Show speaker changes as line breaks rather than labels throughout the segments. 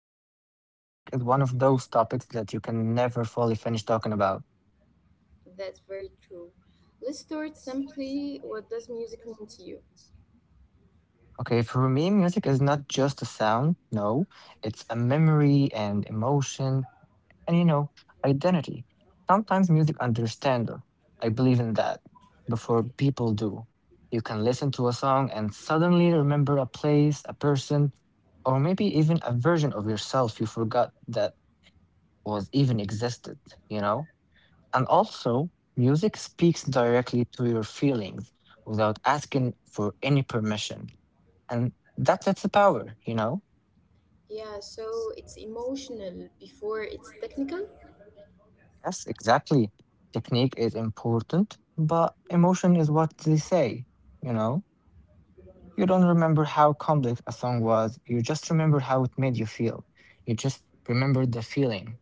you that music is one of those topics that you can never fully finish talking about.
That's very true. Let's start simply. What does music mean to you?
Okay, for me, music is not just a sound. No, it's a memory and emotion and identity. Sometimes music understands us. I believe in that. Before people do, you can listen to a song and suddenly remember a place, a person, or maybe even a version of yourself you forgot that was even existed, you know? And
Yeah.
also, music speaks directly to your feelings without asking for any permission. And that's its power.
Yeah, so it's emotional before it's technical.
Yes, exactly. Technique is important, but emotion is what they say, you know? You don't remember how complex a song was, you just remember how it made you feel. You just remember the feeling.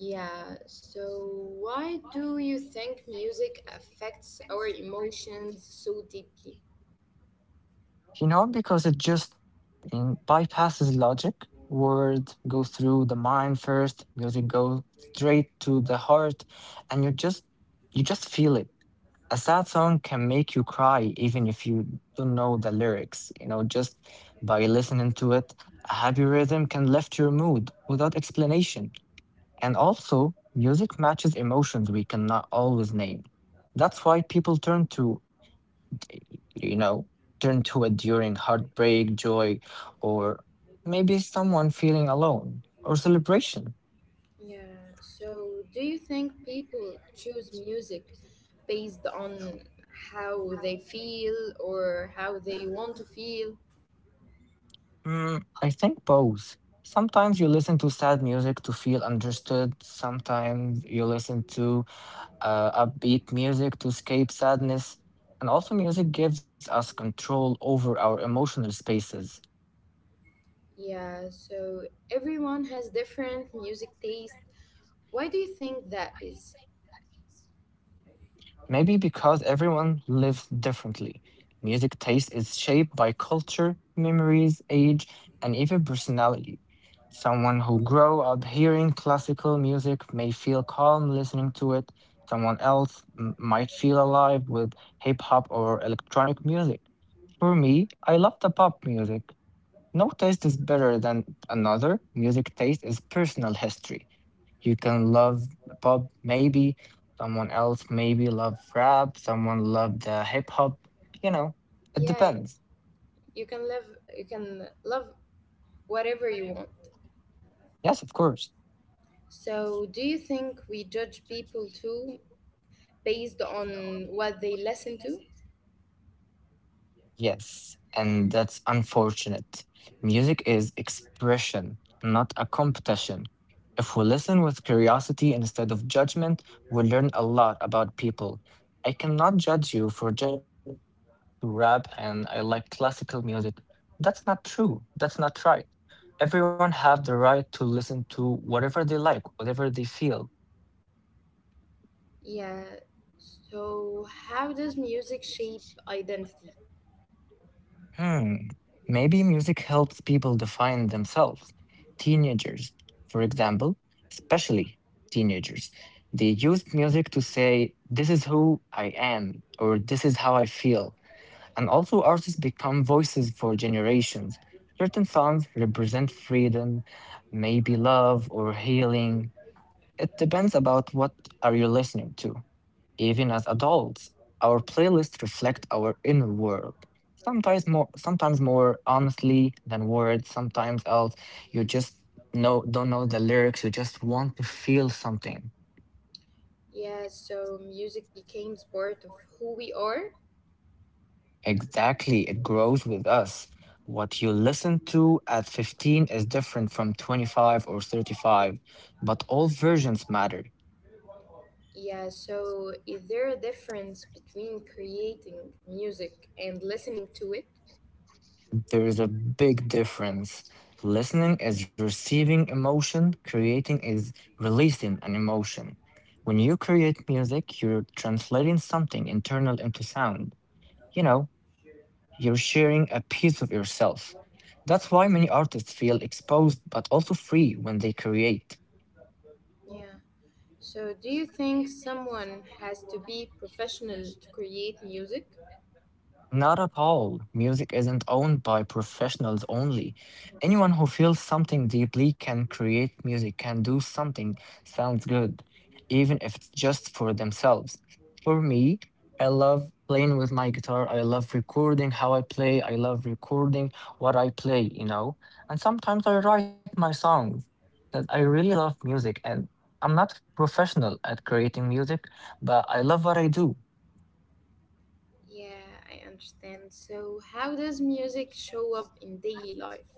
Yeah, so why do you think music affects our emotions so deeply?
Because it just bypasses logic. Words go through the mind first, music goes straight to the heart, and you just feel it. A sad song can make you cry even if you don't know the lyrics, just by listening to it. A happy rhythm can lift your mood without explanation. And also, music matches emotions we cannot always name. That's why people you know, turn to it during heartbreak, joy, or maybe someone feeling alone or celebration.
Yeah, so do you think people choose music based on how they feel or how they want to feel?
I think both. Sometimes you listen to sad music to feel understood. Sometimes you listen to upbeat music to escape sadness. And also, music gives us control over our emotional spaces.
Yeah, so everyone has different music taste. Why do you think that is?
Maybe because everyone lives differently. Music taste is shaped by culture, memories, age, and even personality. Someone who grew up hearing classical music may feel calm listening to it. Someone else might feel alive with hip hop or electronic music. For me, I love the pop music. No taste is better than another. Music taste is personal history. You can love pop, maybe. Someone else maybe love rap. Someone love the hip hop. You know, it
Yeah,
depends.
you can love you can love whatever you want.
Yes, of course.
So do you think we judge people too based on what they listen to?
Yes, and that's unfortunate. Music is expression, not a competition. If we listen with curiosity instead of judgment, we learn a lot about people. I cannot judge you for to rap and I like classical music. That's not true. That's not right. Everyone have the right to listen to whatever they like, whatever they feel.
Yeah. So how does music shape identity?
Hmm. Maybe music helps people define themselves. Teenagers, for example, especially teenagers, they use music to say, this is who I am, or this is how I feel. And also, artists become voices for generations. Certain songs represent freedom, maybe love or healing. It depends about what are you listening to. Even as adults, our playlists reflect our inner world. Sometimes more honestly than words. Sometimes else, you just know don't know the lyrics. You just want to feel something.
Yeah, so music becomes part of who we are.
Exactly, it grows with us. What you listen to at 15 is different from 25 or 35, but all versions matter.
Yeah, so is there a difference between creating music and listening to it?
There is a big difference. Listening is receiving emotion, creating is releasing an emotion. When you create music, you're translating something internal into sound. You're sharing a piece of yourself. That's why many artists feel exposed but also free when they create.
Yeah. So do you think someone has to be professional to create music?
Not at all. Music isn't owned by professionals only. Anyone who feels something deeply can create music, can do something sounds good, even if it's just for themselves. For me, I love playing with my guitar. I love recording how I play. I love recording what I play. And sometimes I write my songs. That I really love music and I'm not professional at creating music, but I love what I do.
Yeah, I understand. So how does music show up in daily life?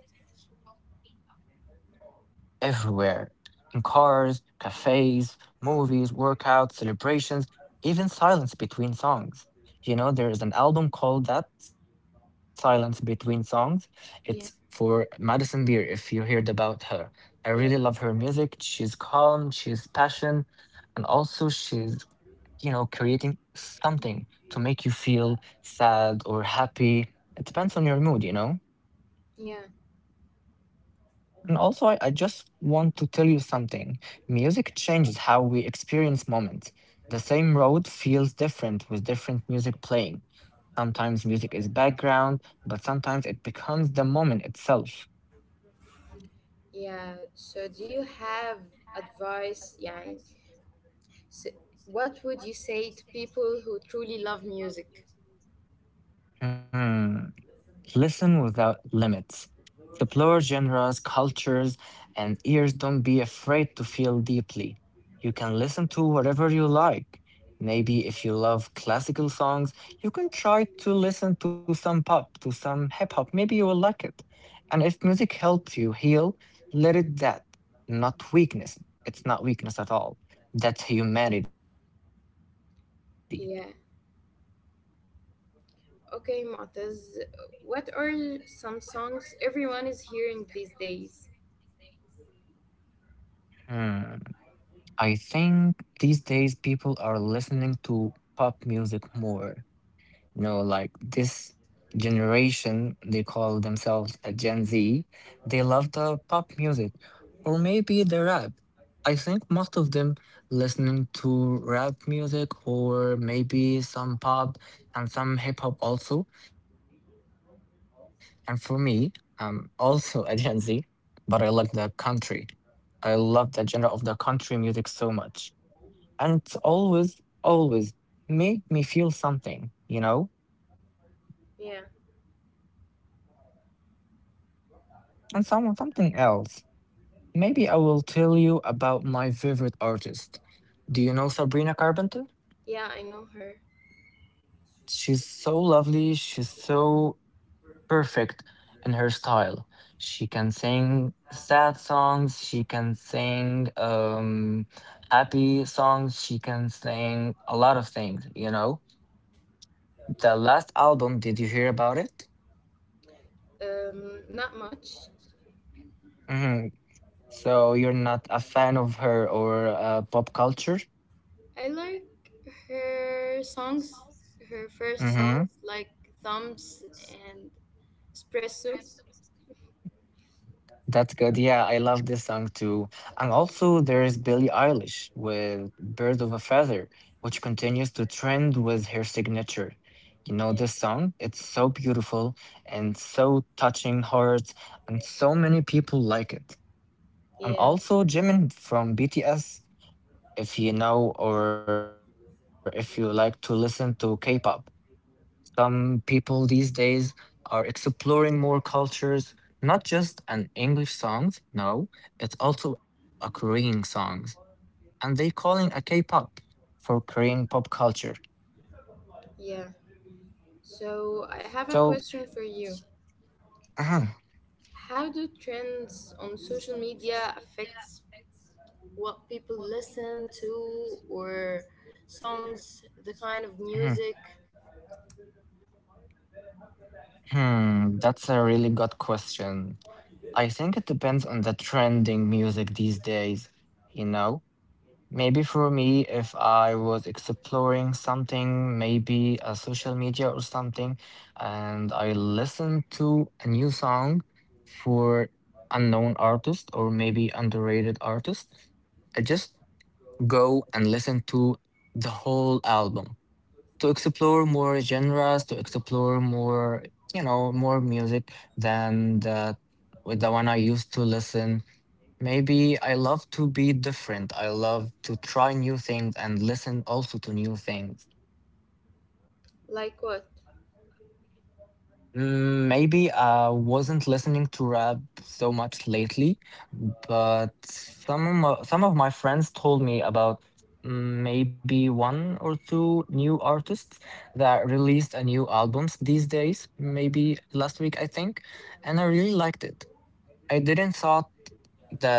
Everywhere in cars, cafes, movies, workouts, celebrations, even silence between songs. There is an album called that Silence Between Songs. It's for
Yeah,
Madison Beer, if you heard about her. I really love her
yeah,
music. She's calm, she's passion, and also she's creating something to make you feel sad or happy. It depends on your mood.
yeah,
And also, I just want to tell you something. Music changes how we experience moments. The same road feels different with different music playing. Sometimes music is background, but sometimes it becomes the moment itself.
yeah. So do you have advice? Yeah. So what would you say to people who truly love music?
Hmm. Listen without limits. Explore genres, cultures, and ears don't be afraid to feel deeply. You can listen to whatever you like. Maybe if you love classical songs, you can try to listen to some pop, to some hip hop. Maybe you will like it. And if music helps you heal, let it that, not weakness. It's not weakness at all. That's humanity.
Yeah. Okay, Matas, what are some songs everyone is hearing these days?
Hmm. I think these days people are listening to pop music more. No, like this generation, they call themselves a Gen Z. They love the pop music or maybe the rap. I think most of them listening to rap music or maybe some pop and some hip hop also. And for me, I'm also a Gen Z, but I like the country. I love the genre of the country music so much. And it's always, always make me feel something.
Yeah.
And someone, something else. Maybe I will tell you about my favorite artist. Do you know Sabrina Carpenter?
Yeah, I know her.
She's so lovely. She's so perfect in her style. She can sing sad songs. She can sing happy songs. She can sing a lot of things. The last album, did you hear about it?
Not much.
hmm So you're not a fan of her or pop culture?
I like her songs, her first
hmm
songs like Thumbs and Espresso.
That's good. Yeah, I love this song too. And also, there is Billie Eilish with Bird of a Feather, which continues to trend with her signature. You know,
Yeah.
this song, it's so beautiful and so touching hearts, and so many people like it.
Yeah.
And also, Jimin from BTS, if you know or if you like to listen to K pop. Some people these days are exploring more cultures, not just an English songs, no, it's also a Korean songs, and they calling a K-pop for Korean pop culture.
Yeah. So I have a
So,
question for you.
uh,
How do trends on social media affect what people listen to or songs, the kind of
hmm,
music.
that's a really good question. I think it depends on the trending music these days, you know? Maybe for me, if I was exploring something, maybe a social media or something, and I listened to a new song for unknown artist or maybe underrated artist, I just go and listen to the whole album to explore more genres, to explore more, more music than the with the one I used to listen. Maybe I love to be different. I love to try new things and listen also to new things.
Like what?
Maybe I wasn't listening to rap so much lately, but some of my friends told me about maybe one or two new artists that released a new albums these days, maybe last week, I think, and I really liked it. I didn't thought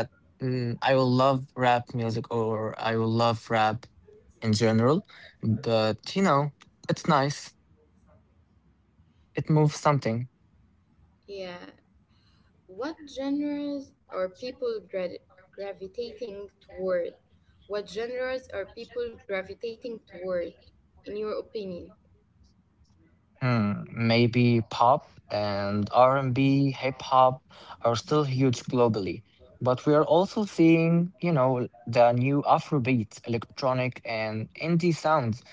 that I will love rap music or I will love rap in general, but it's nice. It moves something.
Yeah. What genres are people gravitating toward? What genres are people gravitating toward, in your opinion?
Maybe pop and R&B, hip hop are still huge globally, but we are also seeing the new Afrobeat, electronic and indie sounds.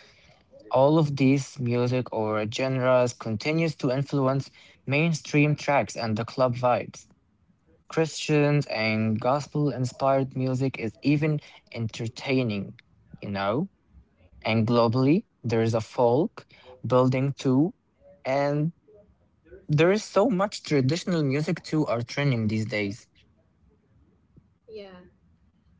All of these music or genres continues to influence mainstream tracks and the club vibes. Christians and gospel-inspired music is even entertaining, you know? And globally, there is a folk building too, and there is so much traditional music too are trending these days.
Yeah.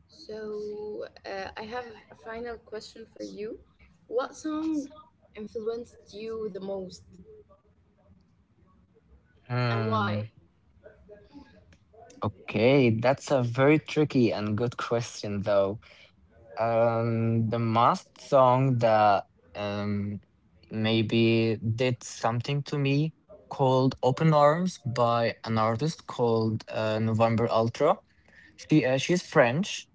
So, I have a final question for you. What song influenced you the most and
Hmm.
why?
Okay, that's a very tricky and good question though. The last song that um maybe did something to me called "Open Arms" by an artist called November Ultra. She's French,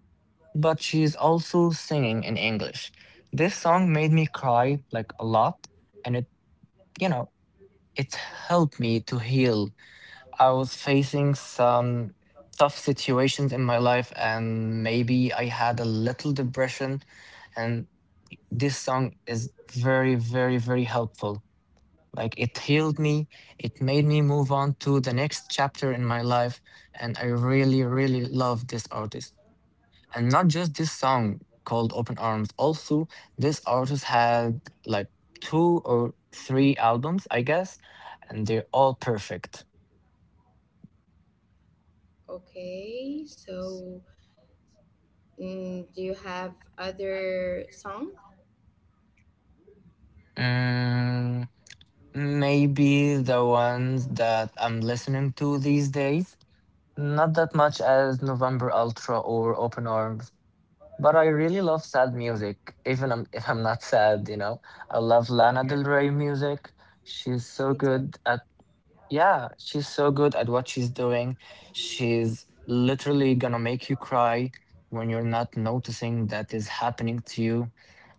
but she's also singing in English. This song made me cry like a lot, and it you know it helped me to heal. I was facing some tough situations in my life, and maybe I had a little depression. And this song is very, very, very helpful. Like it healed me, it made me move on to the next chapter in my life. And I really, really love this artist. And not just this song called Open Arms, also, this artist had like two or three albums, I guess, and they're all perfect.
Okay, so do you have other song?
Mm, Maybe the ones that I'm listening to these days. Not that much as November Ultra or Open Arms, but I really love sad music, even if I'm not sad. I love Lana
Yeah,
Del Rey music. She's so
me too.
good at, yeah, she's so good at what she's doing. She's literally gonna make you cry when you're not noticing that is happening to you.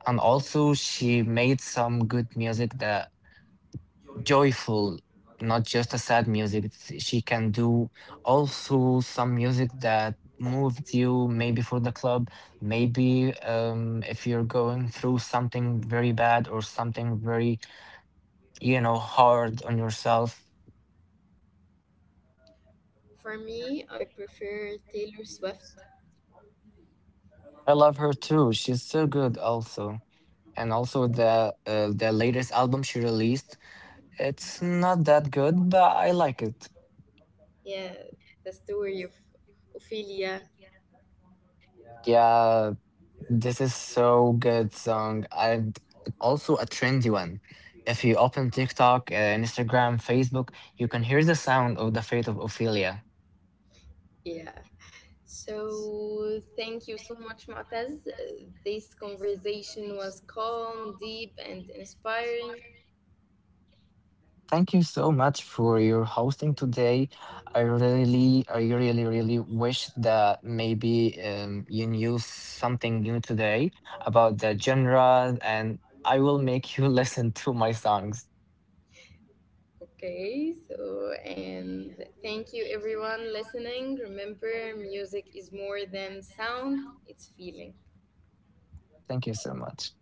And also, she made some good music that joyful, not just a sad music. She can do also some music that moved you, maybe for the club, maybe if you're going through something very bad or something very hard on yourself.
For me, I prefer Taylor Swift.
I love her too. She's so good also. And also the latest album she released, it's not that good, but I like it.
Yeah, the story of Ophelia.
Yeah, this is so good song and also a trendy one. If you open TikTok, Instagram, Facebook, you can hear the sound of the fate of Ophelia.
Yeah. So thank you so much, Mu'taz. This conversation was calm, deep, and inspiring.
Thank you so much for your hosting today. I really, really wish that maybe you knew something new today about the genre, and I will make you listen to my songs.
Okay, so and thank you everyone listening. Remember, music is more than sound, it's feeling.
Thank you so much.